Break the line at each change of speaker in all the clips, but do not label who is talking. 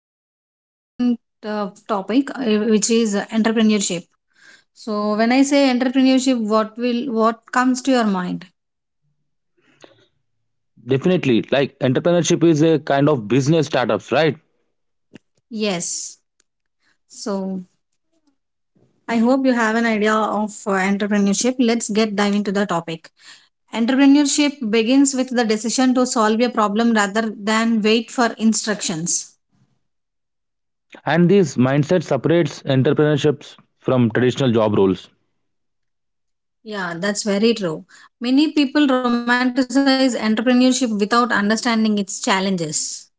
a very important topic which is entrepreneurship. So when I say entrepreneurship, what comes to your mind?
Definitely. Like entrepreneurship is a kind of business startups, right?
Yes. So I hope you have an idea of entrepreneurship. Let's get dive into the topic. Entrepreneurship begins with the decision to solve a problem rather than wait for instructions.
And this mindset separates entrepreneurships from traditional job roles.
Yeah, that's very true. Many people romanticize entrepreneurship without understanding its challenges.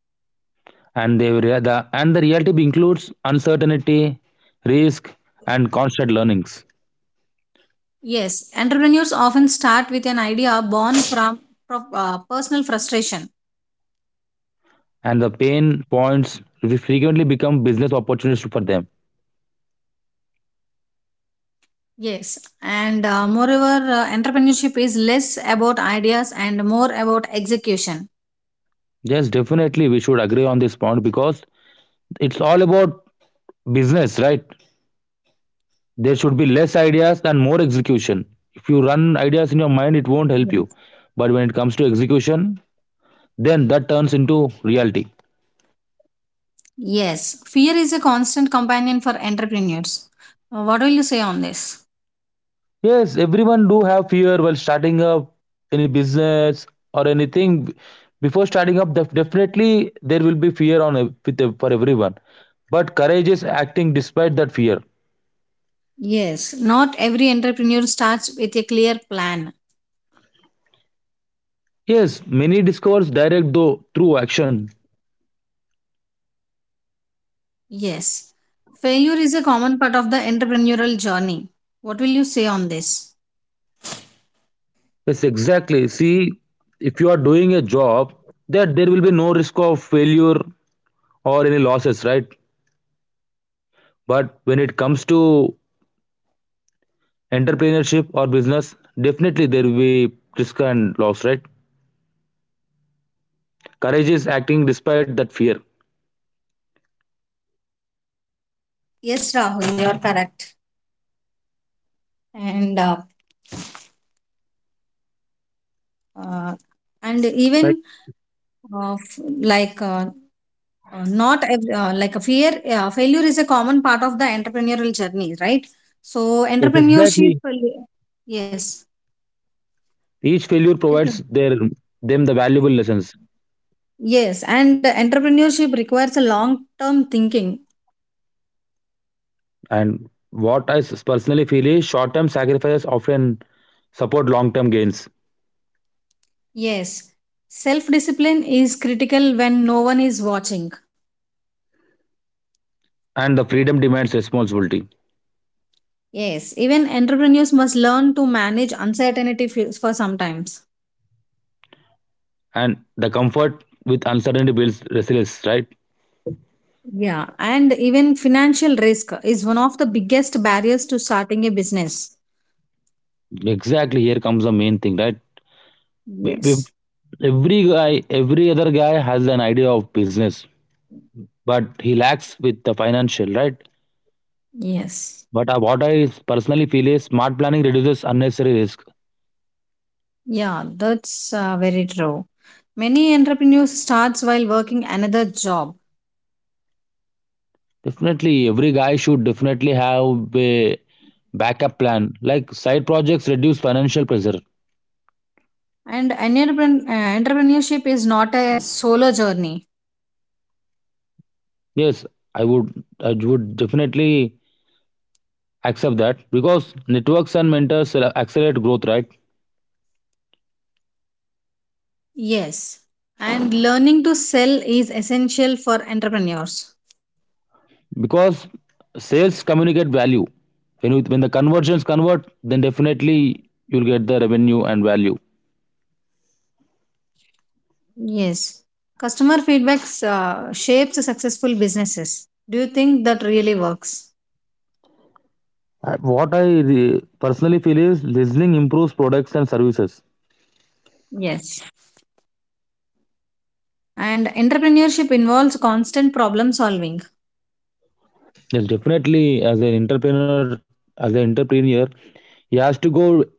And the reality includes uncertainty, risk, and constant learnings.
Yes, entrepreneurs often start with an idea born from personal frustration.
And the pain points will frequently become business opportunities for them.
Yes, and moreover, entrepreneurship is less about ideas and more about execution.
Yes, definitely we should agree on this point because it's all about business, right? There should be less ideas and more execution. If you run ideas in your mind, it won't help you. But when it comes to execution, then that turns into reality.
Yes, fear is a constant companion for entrepreneurs. What will you say on this?
Yes, everyone do have fear while starting up any business or anything. Before starting up, definitely there will be fear on ev- with ev- for everyone. But courage is acting despite that fear.
Yes, not every entrepreneur starts with a clear plan.
Yes, many discovers direct though through action.
Yes, failure is a common part of the entrepreneurial journey. What will you say on this?
Yes, exactly. See, if you are doing a job, that there will be no risk of failure or any losses, right? But when it comes to entrepreneurship or business, definitely there will be risk and loss, right? Courage is acting despite that fear.
Yes, Rahul, you are correct. And uh, uh, and even
Like
uh, f- like uh, not every, a fear failure is a common part of the entrepreneurial journey, right? So
yes,
entrepreneurship.
exactly.
Yes.
Each failure
Yes.
provides their them the valuable lessons.
Yes, and entrepreneurship requires a long term thinking.
And what I personally feel is short-term sacrifices often support long-term gains,
Yes, self discipline is critical when no one is watching.
and the freedom demands responsibility.
Yes, even entrepreneurs must learn to manage uncertainty for sometimes.
And the comfort with uncertainty builds resilience, right?
Yeah, and even financial risk is one of the biggest barriers to starting a business.
Exactly, here comes the main thing, right? We- we-
Yes,
every other guy has an idea of business, but he lacks with the financial, right?
yes.
But what I personally feel is smart planning reduces unnecessary risk.
Yeah, that's very true. Many entrepreneurs starts while working another job.
Definitely every guy should definitely have a backup plan, like side projects reduce financial pressure.
And entrepreneurship is not a solo journey.
Yes, i would I would definitely accept that, because networks and mentors will accelerate growth, right?
Yes. And learning to sell is essential for entrepreneurs.
Because sales communicate value. When the conversions convert, then definitely you'll get the revenue and value.
Yes. Customer feedback shapes successful businesses. Do you think that really works?
What I personally feel is listening improves products and services.
Yes. And entrepreneurship involves constant problem solving.
Yes, definitely. As an entrepreneur as an entrepreneur, he has to go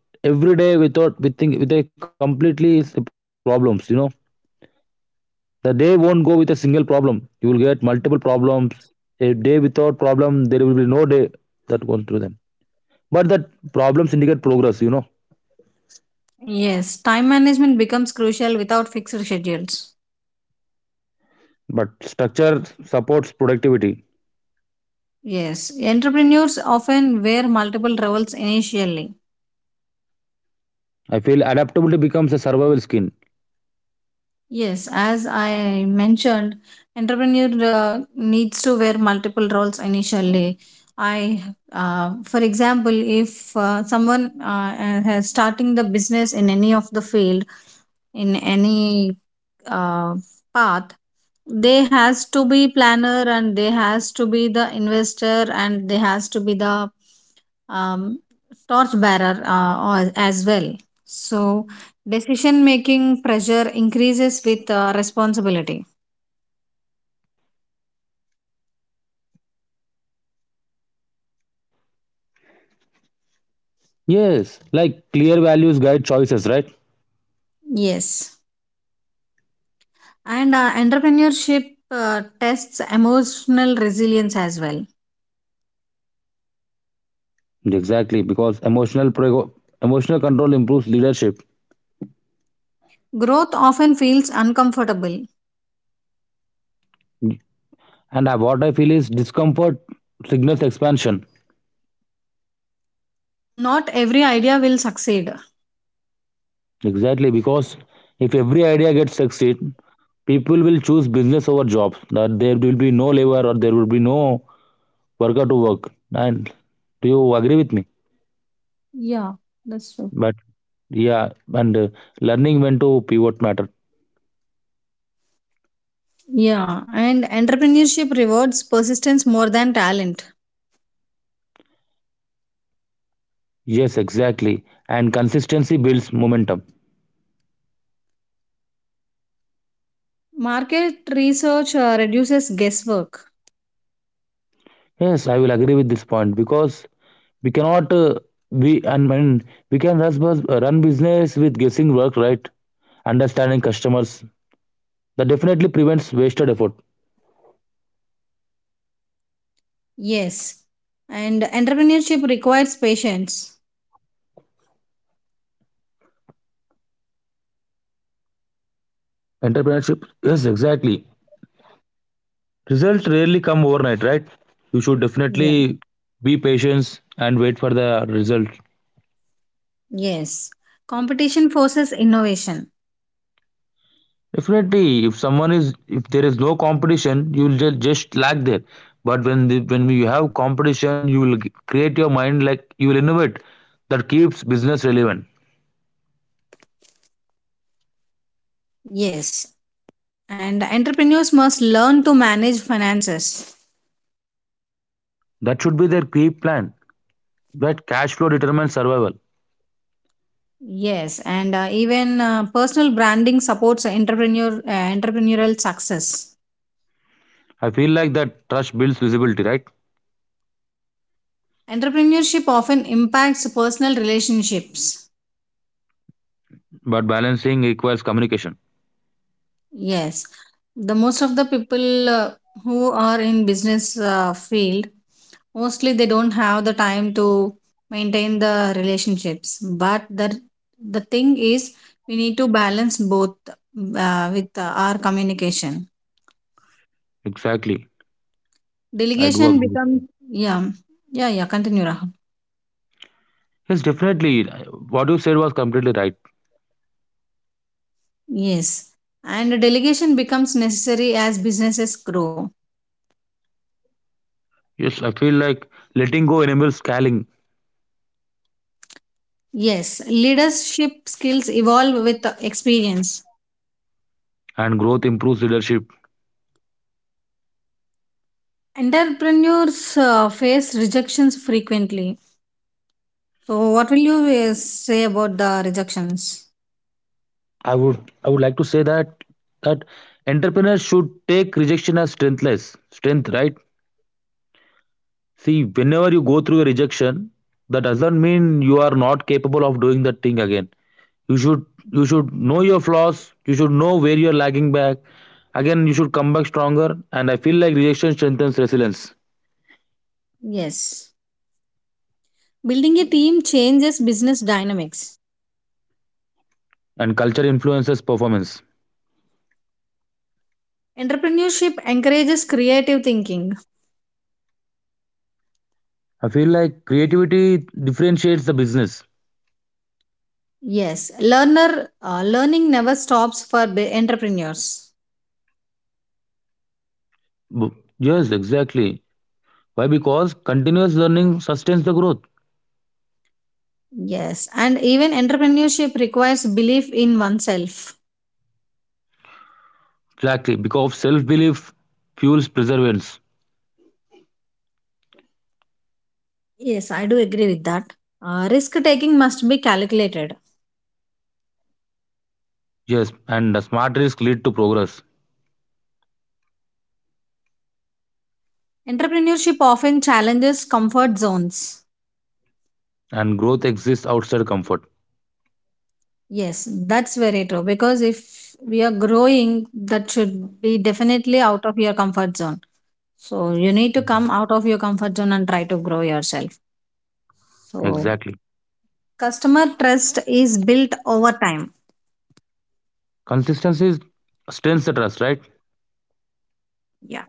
every day without with think with a completely problems. The day won't go with a single problem. You will get multiple problems. A day without problem, there will be no day that goes through them. But that problems indicate progress.
Yes, time management becomes crucial without fixed schedules.
But structure supports productivity.
Yes, entrepreneurs often wear multiple roles initially.
I feel adaptability becomes a survival skill.
Yes, as I mentioned, entrepreneur needs to wear multiple roles initially. I, for example, if someone has starting the business in any of the field, in any uh, path, they has to be planner and they has to be the investor and they has to be the um, torch bearer as well. So decision making pressure increases with responsibility.
Like clear values guide choices, right?
Yes, and entrepreneurship tests emotional resilience as well.
Exactly, because emotional control improves leadership.
Growth often feels uncomfortable.
And what I feel is discomfort signals expansion.
Not every idea will succeed.
Exactly, because if every idea gets succeed, people will choose business over jobs, that there will be no labor or there will be no worker to work, and do you agree with me?
Yeah, that's true.
But yeah, and learning when to pivot matter.
Yeah, and entrepreneurship rewards persistence more than talent.
Yes, exactly, and consistency builds momentum.
Market research reduces guesswork.
Yes, I will agree with this point because we cannot we and we can run, bus- run business with guessing work, right? Understanding customers, that definitely prevents wasted effort.
Yes. And entrepreneurship requires patience.
Entrepreneurship, yes, exactly. Results rarely come overnight, right? You should
Yeah.
definitely be patient and wait for the result.
Yes. Competition forces innovation.
Definitely, if there is no competition, you will just lag there. But when you have competition, you will create your mind, like you will innovate. That keeps business relevant.
Yes. And entrepreneurs must learn to manage finances.
That should be their key plan. That cash flow determines survival.
Yes. And even personal branding supports entrepreneurial success.
I feel like that trust builds visibility, right?
Entrepreneurship often impacts personal relationships.
But balancing requires communication.
Yes, the most of the people who are in business field, mostly they don't have the time to maintain the relationships. But the thing is, we need to balance both with our communication.
Exactly, I do
Delegation
agree with you.
becomes yeah, yeah, yeah, continue Rahul.
Yes, definitely. What you said was completely right.
Yes, and delegation becomes necessary as businesses grow.
Yes, I feel like letting go enables scaling,
Yes, leadership skills evolve with experience.
and growth improves leadership.
Entrepreneurs face rejections frequently. So, what will you say about the rejections?
I would like to say that entrepreneurs should take rejection as strengthless strength, right? See, whenever you go through a rejection, that doesn't mean you are not capable of doing that thing again. You should you should know your flaws. You should know where you are lagging back. Again, you should come back stronger. And I feel like rejection strengthens resilience,
Yes. Building a team changes business dynamics.
and culture influences performance.
Entrepreneurship encourages creative thinking.
I feel like creativity differentiates the business.
Yes. Learner Learning never stops for entrepreneurs.
B- Yes, exactly. Why? Because continuous learning sustains the growth.
Yes. And even entrepreneurship requires belief in oneself.
Exactly, because self belief fuels perseverance.
Yes, I do agree with that. Risk taking must be calculated.
Yes, and the smart risk lead to progress,
Entrepreneurship often challenges comfort zones.
and growth exists outside comfort.
Yes, that's very true. Because if we are growing, that should be definitely out of your comfort zone. So you need to come out of your comfort zone and try to grow yourself. So
Exactly.
customer trust is built over time.
Consistency strengthens the trust, right?
Yeah.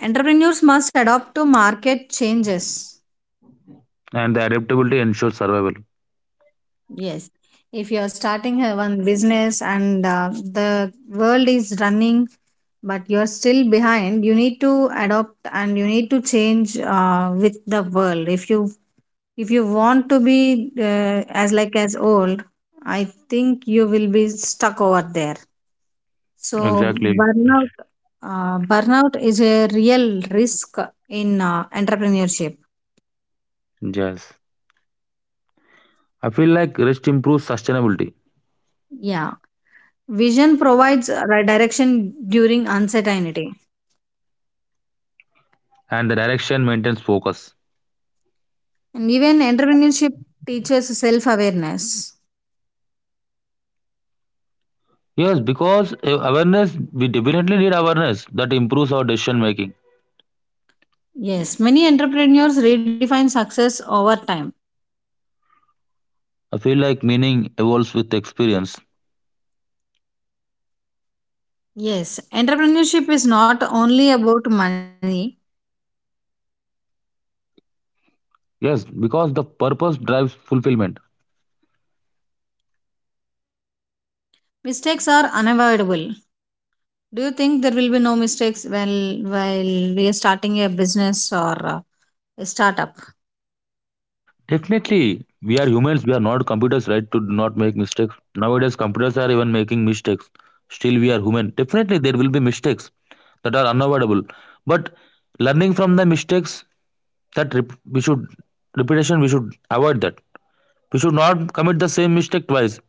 Entrepreneurs must adapt to market changes.
And the adaptability ensures survival.
Yes. If you are starting a one business and the world is running but you're still behind, you need to adopt and you need to change with the world. If you want to be as like as old, I think you will be stuck over there. So
Exactly.
burnout burnout is a real risk in entrepreneurship.
Yes. I feel like rest improves sustainability,
Yeah, vision provides direction during uncertainty.
and the direction maintains focus.
And even entrepreneurship teaches self awareness.
Yes, because awareness, we definitely need awareness that improves our decision making.
Yes, many entrepreneurs redefine success over time.
I feel like meaning evolves with experience.
Yes, entrepreneurship is not only about money.
Yes, because the purpose drives fulfillment.
Mistakes are unavoidable. Do you think there will be no mistakes while we are starting a business or a startup?
Definitely, we are humans. We are not computers, right? To not make mistakes. Nowadays, computers are even making mistakes. Still, we are human. Definitely, there will be mistakes that are unavoidable. But learning from the mistakes, that rep- we should repetition, we should avoid that. We should not commit the same mistake twice.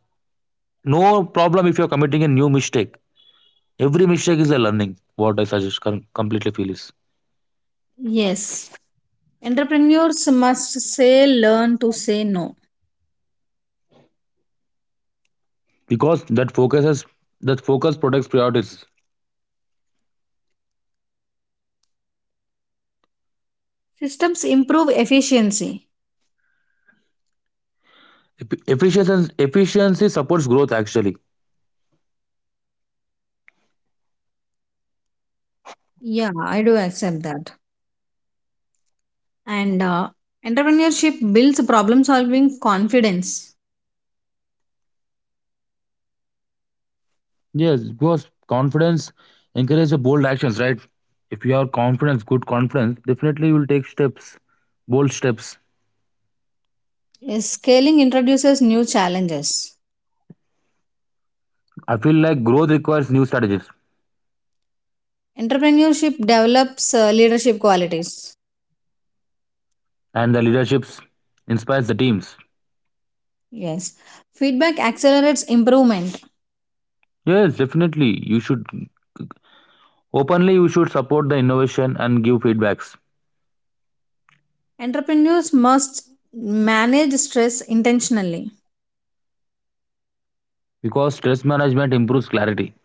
No problem if you are committing a new mistake. Every mistake is a learning. What I suggest completely feel is
Yes, entrepreneurs must say learn to say no.
because that focus protects priorities.
Systems improve efficiency.
Efficiency supports growth actually.
Yeah, I do accept that. And entrepreneurship builds problem solving confidence.
Yes, because confidence encourages bold actions, right? If you have confidence, good confidence, definitely you will take steps, bold steps.
Yes, scaling introduces new challenges.
I feel like growth requires new strategies,
Entrepreneurship develops leadership qualities.
and the leaderships inspires the teams.
Yes. Feedback accelerates improvement.
Yes, definitely. You should openly you should support the innovation and give feedbacks,
Entrepreneurs must manage stress intentionally.
because stress management improves clarity.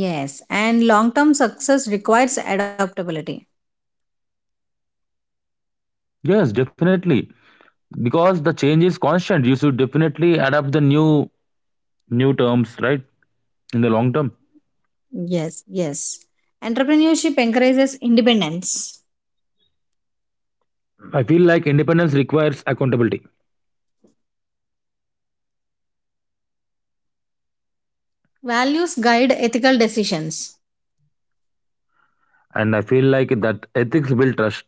Yes, and long term success requires adaptability.
Yes, definitely. Because the change is constant, you should definitely adapt the new terms, right? In the long term.
Yes, yes. Entrepreneurship encourages independence.
I feel like independence requires accountability,
Values guide ethical decisions.
and I feel like that ethics build trust,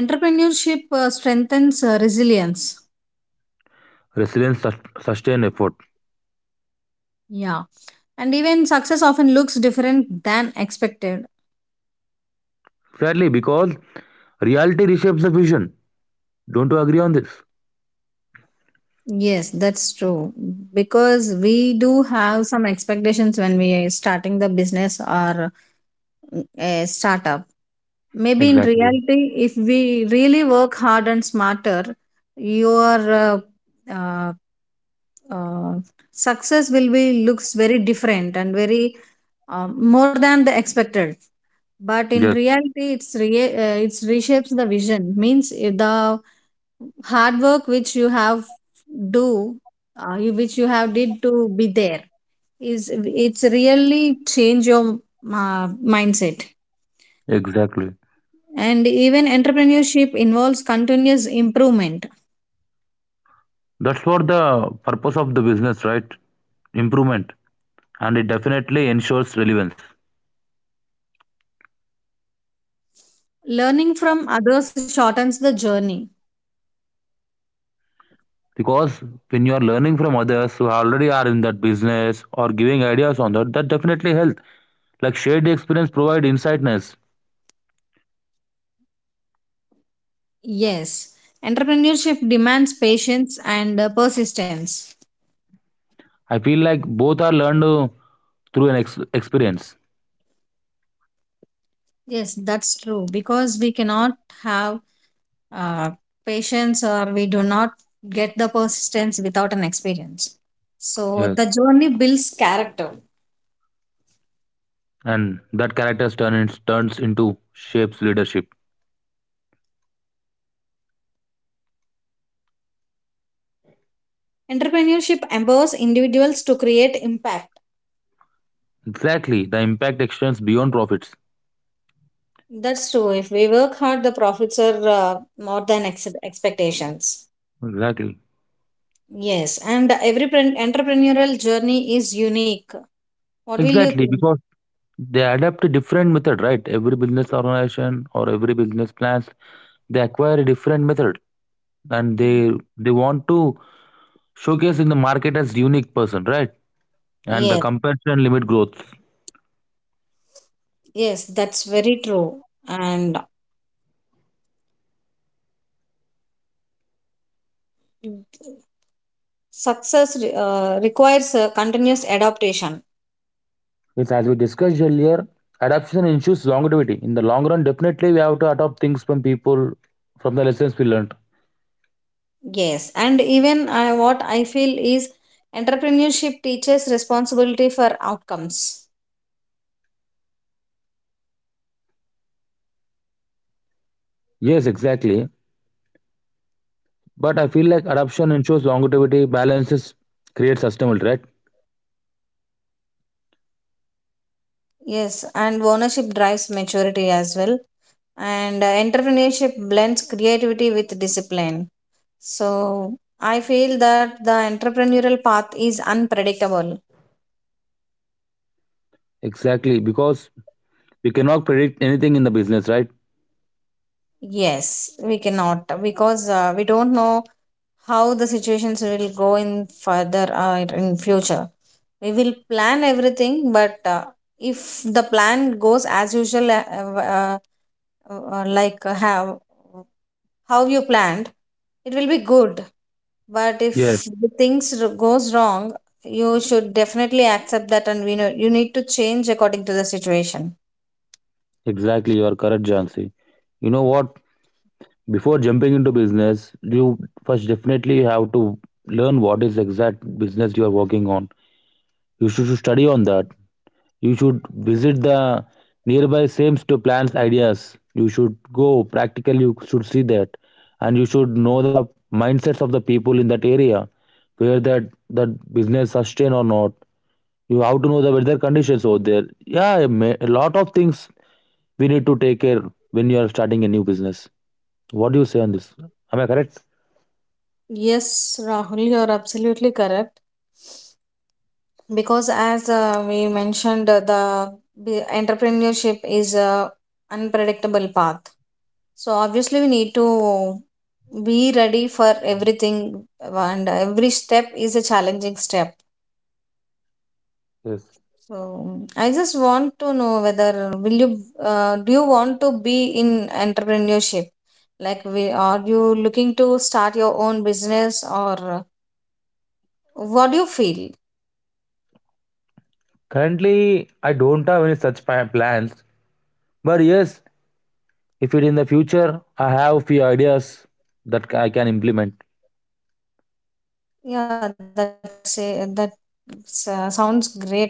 Entrepreneurship strengthens resilience.
resilience, sustain effort.
Yeah. And even success often looks different than expected.
Sadly, because reality reshapes the vision. Don't you agree on this?
Yes, that's true. Because we do have some expectations when we are starting the business or a startup. Maybe in
Exactly.
reality, if we really work hard and smarter, your uh, uh, success will be looks very different and very more than the expected. But in
Yes,
reality, it's reshapes the vision. Means the hard work which you do, which you have did to be there is it's really change your uh, mindset.
exactly.
And even entrepreneurship involves continuous improvement.
That's what the purpose of the business, right? Improvement, and it definitely ensures relevance.
Learning from others shortens the journey.
Because when you are learning from others who already are in that business or giving ideas on that, that definitely helps. Like shared experience provide insightness.
Yes, entrepreneurship demands patience and persistence.
I feel like both are learned through an experience.
Yes, that's true because we cannot have uh, patience, or we do not get the persistence without an experience. So,
Yes.
the journey builds character.
And that characters turns into shapes leadership.
Entrepreneurship empowers individuals to create impact.
Exactly. The impact extends beyond profits.
That's true. If we work hard, the profits are more than expectations.
Exactly.
Yes, and every entrepreneurial journey is unique. What will you
Exactly.
think?
Because they adapt a different method, right? Every business organization or every business plans, they acquire a different method, and they want to showcase in the market as unique person, right? And the
Yes,
competition limit growth.
yes, that's very true. And success requires continuous adaptation.
Yes, as we discussed earlier, adaptation ensures longevity. In the long run, definitely we have to adopt things from people, from the lessons we learned.
Yes, and even I, what I feel is entrepreneurship teaches responsibility for outcomes.
Yes, exactly. But I feel like adaptation ensures longevity, balances, creates sustainability, right?
Yes, and ownership drives maturity as well. And entrepreneurship blends creativity with discipline. So I feel that the entrepreneurial path is unpredictable.
Exactly, because we cannot predict anything in the business, right?
Yes, we cannot because we don't know how the situations will go in further in future. We will plan everything, but if the plan goes as usual, like how you planned, it will be good. But
Yes,
if the things goes wrong, you should definitely accept that and we know you need to change according to the situation.
exactly. You are correct, Jansi. You know what? Before jumping into business, you first definitely have to learn what is exact business you are working on. You should study on that. You should visit the nearby sames to plans, ideas. You should go practical. You should see that, and you should know the mindsets of the people in that area, where that business sustain or not. You have to know the weather conditions over there. Yeah, a lot of things we need to take care when you are starting a new business. What do you say on this? Am I correct?
Yes, Rahul, you're absolutely correct. Because as we mentioned entrepreneurship is a unpredictable path, so obviously we need to be ready for everything and every step is a challenging step.
Yes,
So I just want to know whether will you do you want to be in entrepreneurship? Like we are you looking to start your own business or what do you feel?
currently I don't have any such plans, but yes, if it in the future, I have few ideas that I can implement.
Yeah, that sounds great, Rahul.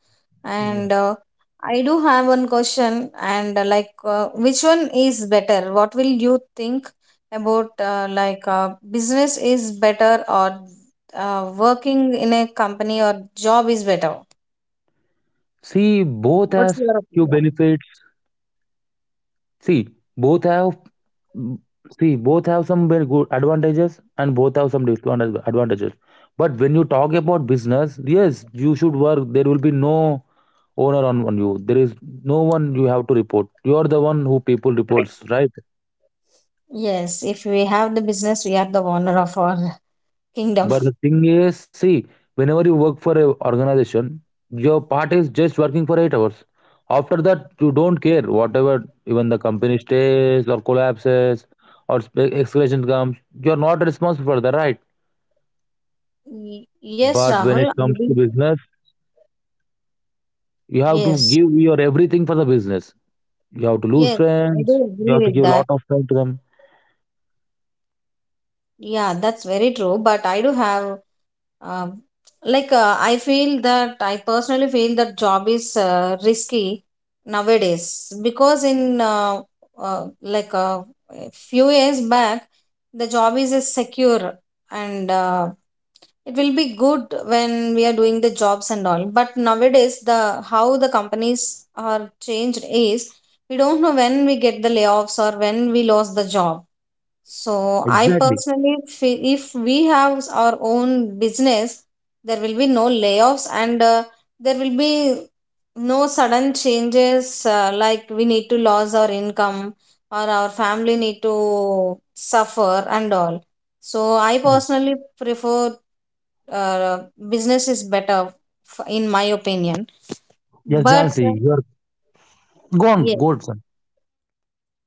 And
Yeah.
I do have one question, and which one is better? What will you think about business is better or working in a company or job is better?
See, both
What's
has
your
few
opinion?
benefits. See, both have mm, both have some very good advantages, and both have some disadvantages. But when you talk about business, yes, you should work. There will be no owner on you. There is no one you have to report. You are the one who people reports, right?
Yes, if we have the business, we are the owner of our kingdom.
But the thing is, see, whenever you work for a organization, your part is just working for 8 hours. After that, you don't care whatever even the company stays or collapses or escalation comes. You're not responsible for that, right.
Yes,
But when
Rahul.
it
I
comes to
do.
business, you have to
Yes,
give your everything for the business. You have to lose
yes, I
friends.
do
You
agree
have to
with
give a
that.
lot of time to them.
Yeah, that's very true. But I do have, um, like, I feel that I personally feel that job is risky nowadays because in uh, like uh, a few years back, the job is secure and it will be good when we are doing the jobs and all. But nowadays, the how the companies are changed is we don't know when we get the layoffs or when we lost the job. So I
Exactly.
personally feel if we have our own business, there will be no layoffs and there will be no sudden changes like we need to lose our income or our family need to suffer and all. So I personally prefer uh, business is better in my opinion.
Yes,
But
Jansi. You're Go on,
yes.
go on, sir.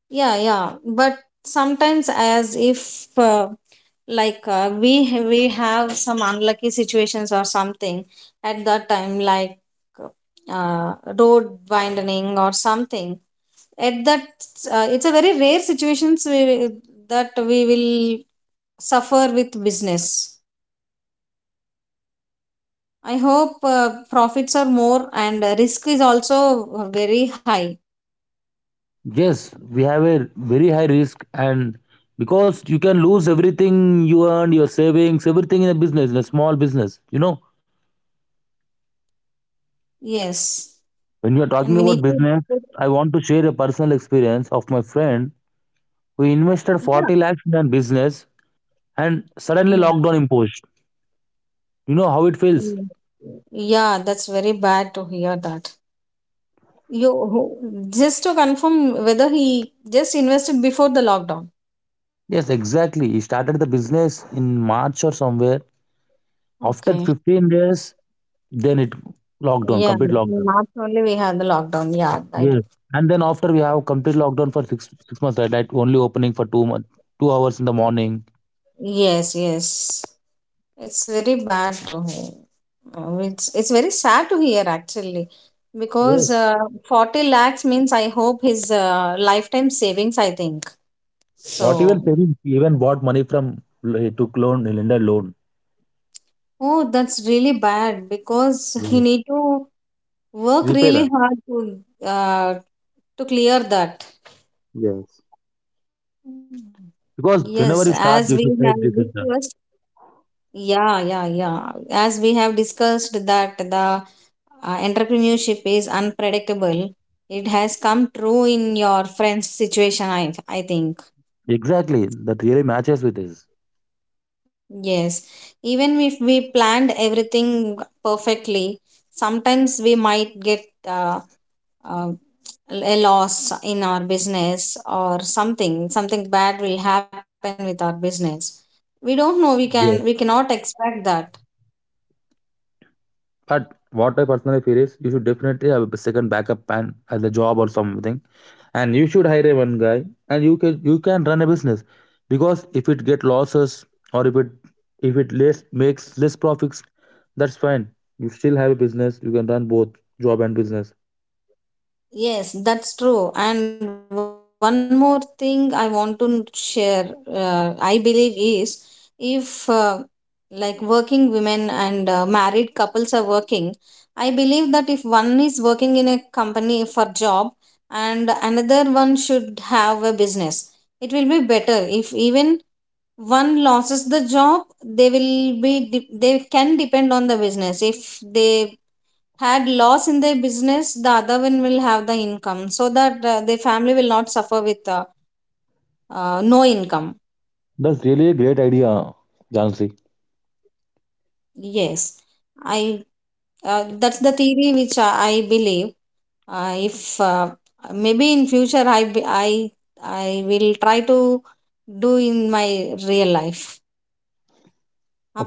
Yeah, yeah, but sometimes as if we have some unlucky situations or something at that time like road widening or something at that, it's a very rare situations that we will suffer with business. I hope profits are more and risk is also very high.
Yes, we have a very high risk, and because you can lose everything you earned, your savings, everything in a business, in a small business. You know,
Yes,
when you're
and we need
talking
to
about
put
business, I want to share a personal experience of my friend who invested 40 lakhs in a business, and suddenly
yeah.
lockdown imposed. You know how it feels?
Mm. Yeah, that's very bad to hear that. Just to confirm whether he just invested before the lockdown.
Yes, exactly. He started the business in March or somewhere. After
Okay.
15 days, then it lockdown,
Yeah,
complete lockdown.
in March only we had the lockdown. Yeah, I do.
Yes. And then after we have complete lockdown for six months, right? Like only opening for 2 month, 2 hours in the morning.
Yes, yes. It's very bad to hear. It's very sad to hear actually, because
Yes.
40 lakhs means I hope his lifetime savings, I think.
Not even
So,
saving. He even bought money from he took loan, lender loan.
oh, that's really bad because he
Yes.
need to work
Repay that.
really hard uh, to clear that.
Yes. Because
Yes,
whenever you
as we
start, you
have
should take
discussed,
decision.
yeah, yeah, yeah, as we have discussed that the entrepreneurship is unpredictable. It has come true in your friend's situation, I think.
Exactly. That really matches with this.
Yes, even if we planned everything perfectly, sometimes we might get uh, uh, a loss in our business or something, something bad will happen with our business. We don't know. We
Yes.
cannot expect that.
But what I personally feel is you should definitely have a second backup plan at the job or something, and you should hire a one guy, and you can run a business. Because if it get losses, or if it less makes less profits, that's fine. You still have a business. You can run both job and business.
Yes, that's true and one more thing I want to share, I believe is if like working women and married couples are working, I believe that if one is working in a company for job and another one should have a business, it will be better if even one loses the job, they will be de- they can depend on the business. If they had loss in their business, the other one will have the income so that their family will not suffer with no income.
That's really a great idea, Jansi.
Yes, I that's the theory which I believe. If Maybe in future I be- I will try to do in my real life,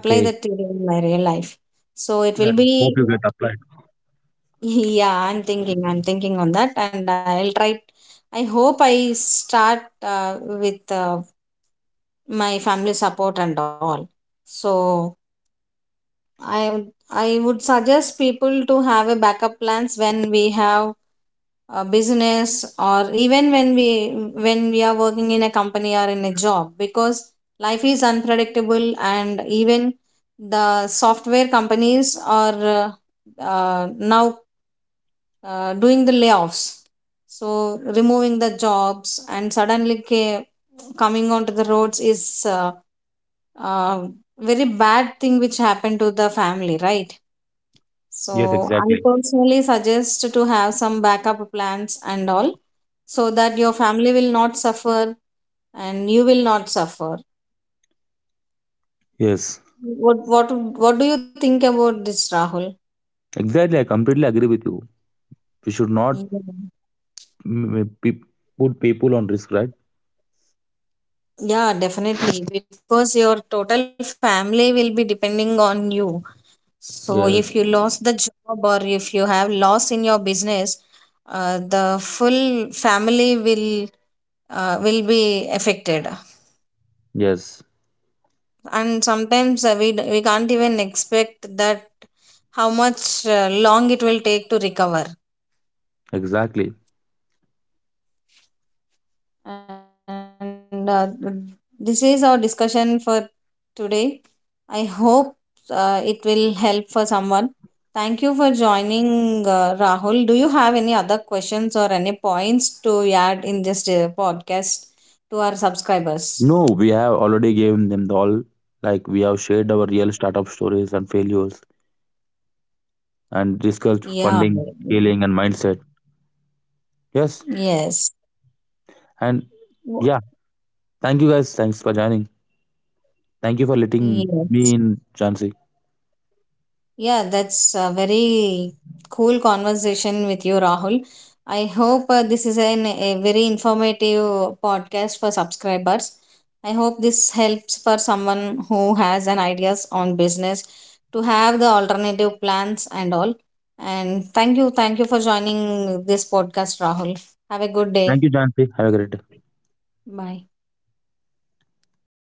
apply that theory in my real life, so
That
it will be.
hope you get applied.
Yeah, I'm thinking on that, and I'll try. I hope I start with my family support and all. So I would suggest people to have a backup plans when we have a business or even when we are working in a company or in a job, because life is unpredictable and even the software companies are now doing the layoffs, so removing the jobs and suddenly coming onto the roads is uh, very bad thing which happened to the family, right?
Yes,
So I
exactly.
personally suggest to have some backup plans and all, so that your family will not suffer and you will not suffer.
Yes,
What what do you think about this, Rahul?
exactly. I completely agree with you. We should not
Yeah.
mm, pe- put people on risk, right?
Yeah, definitely. Because your total family will be depending on you. So if
Yeah.
you lost the job or if you have loss in your business, the full family will be affected.
Yes,
And sometimes we can't even expect that how much long it will take to recover.
exactly.
And this is our discussion for today. I hope it will help for someone. Thank you for joining, Rahul. Do you have any other questions or any points to add in this podcast to our subscribers?
No, we have already given them the all. Like we have shared our real startup stories and failures, and discussed
Yeah.
funding, scaling, and mindset. Yes,
Yes.
and yeah, thank you guys. Thanks for joining. Thank you for letting
Yes.
me in, Jansi.
Yeah, that's a very cool conversation with you, Rahul. I hope this is a very informative podcast for subscribers. I hope this helps for someone who has an ideas on business to have the alternative plans and all. And thank you for joining this podcast, Rahul. Have a good
Thank
day.
you, Jansi. Have a great day.
Bye.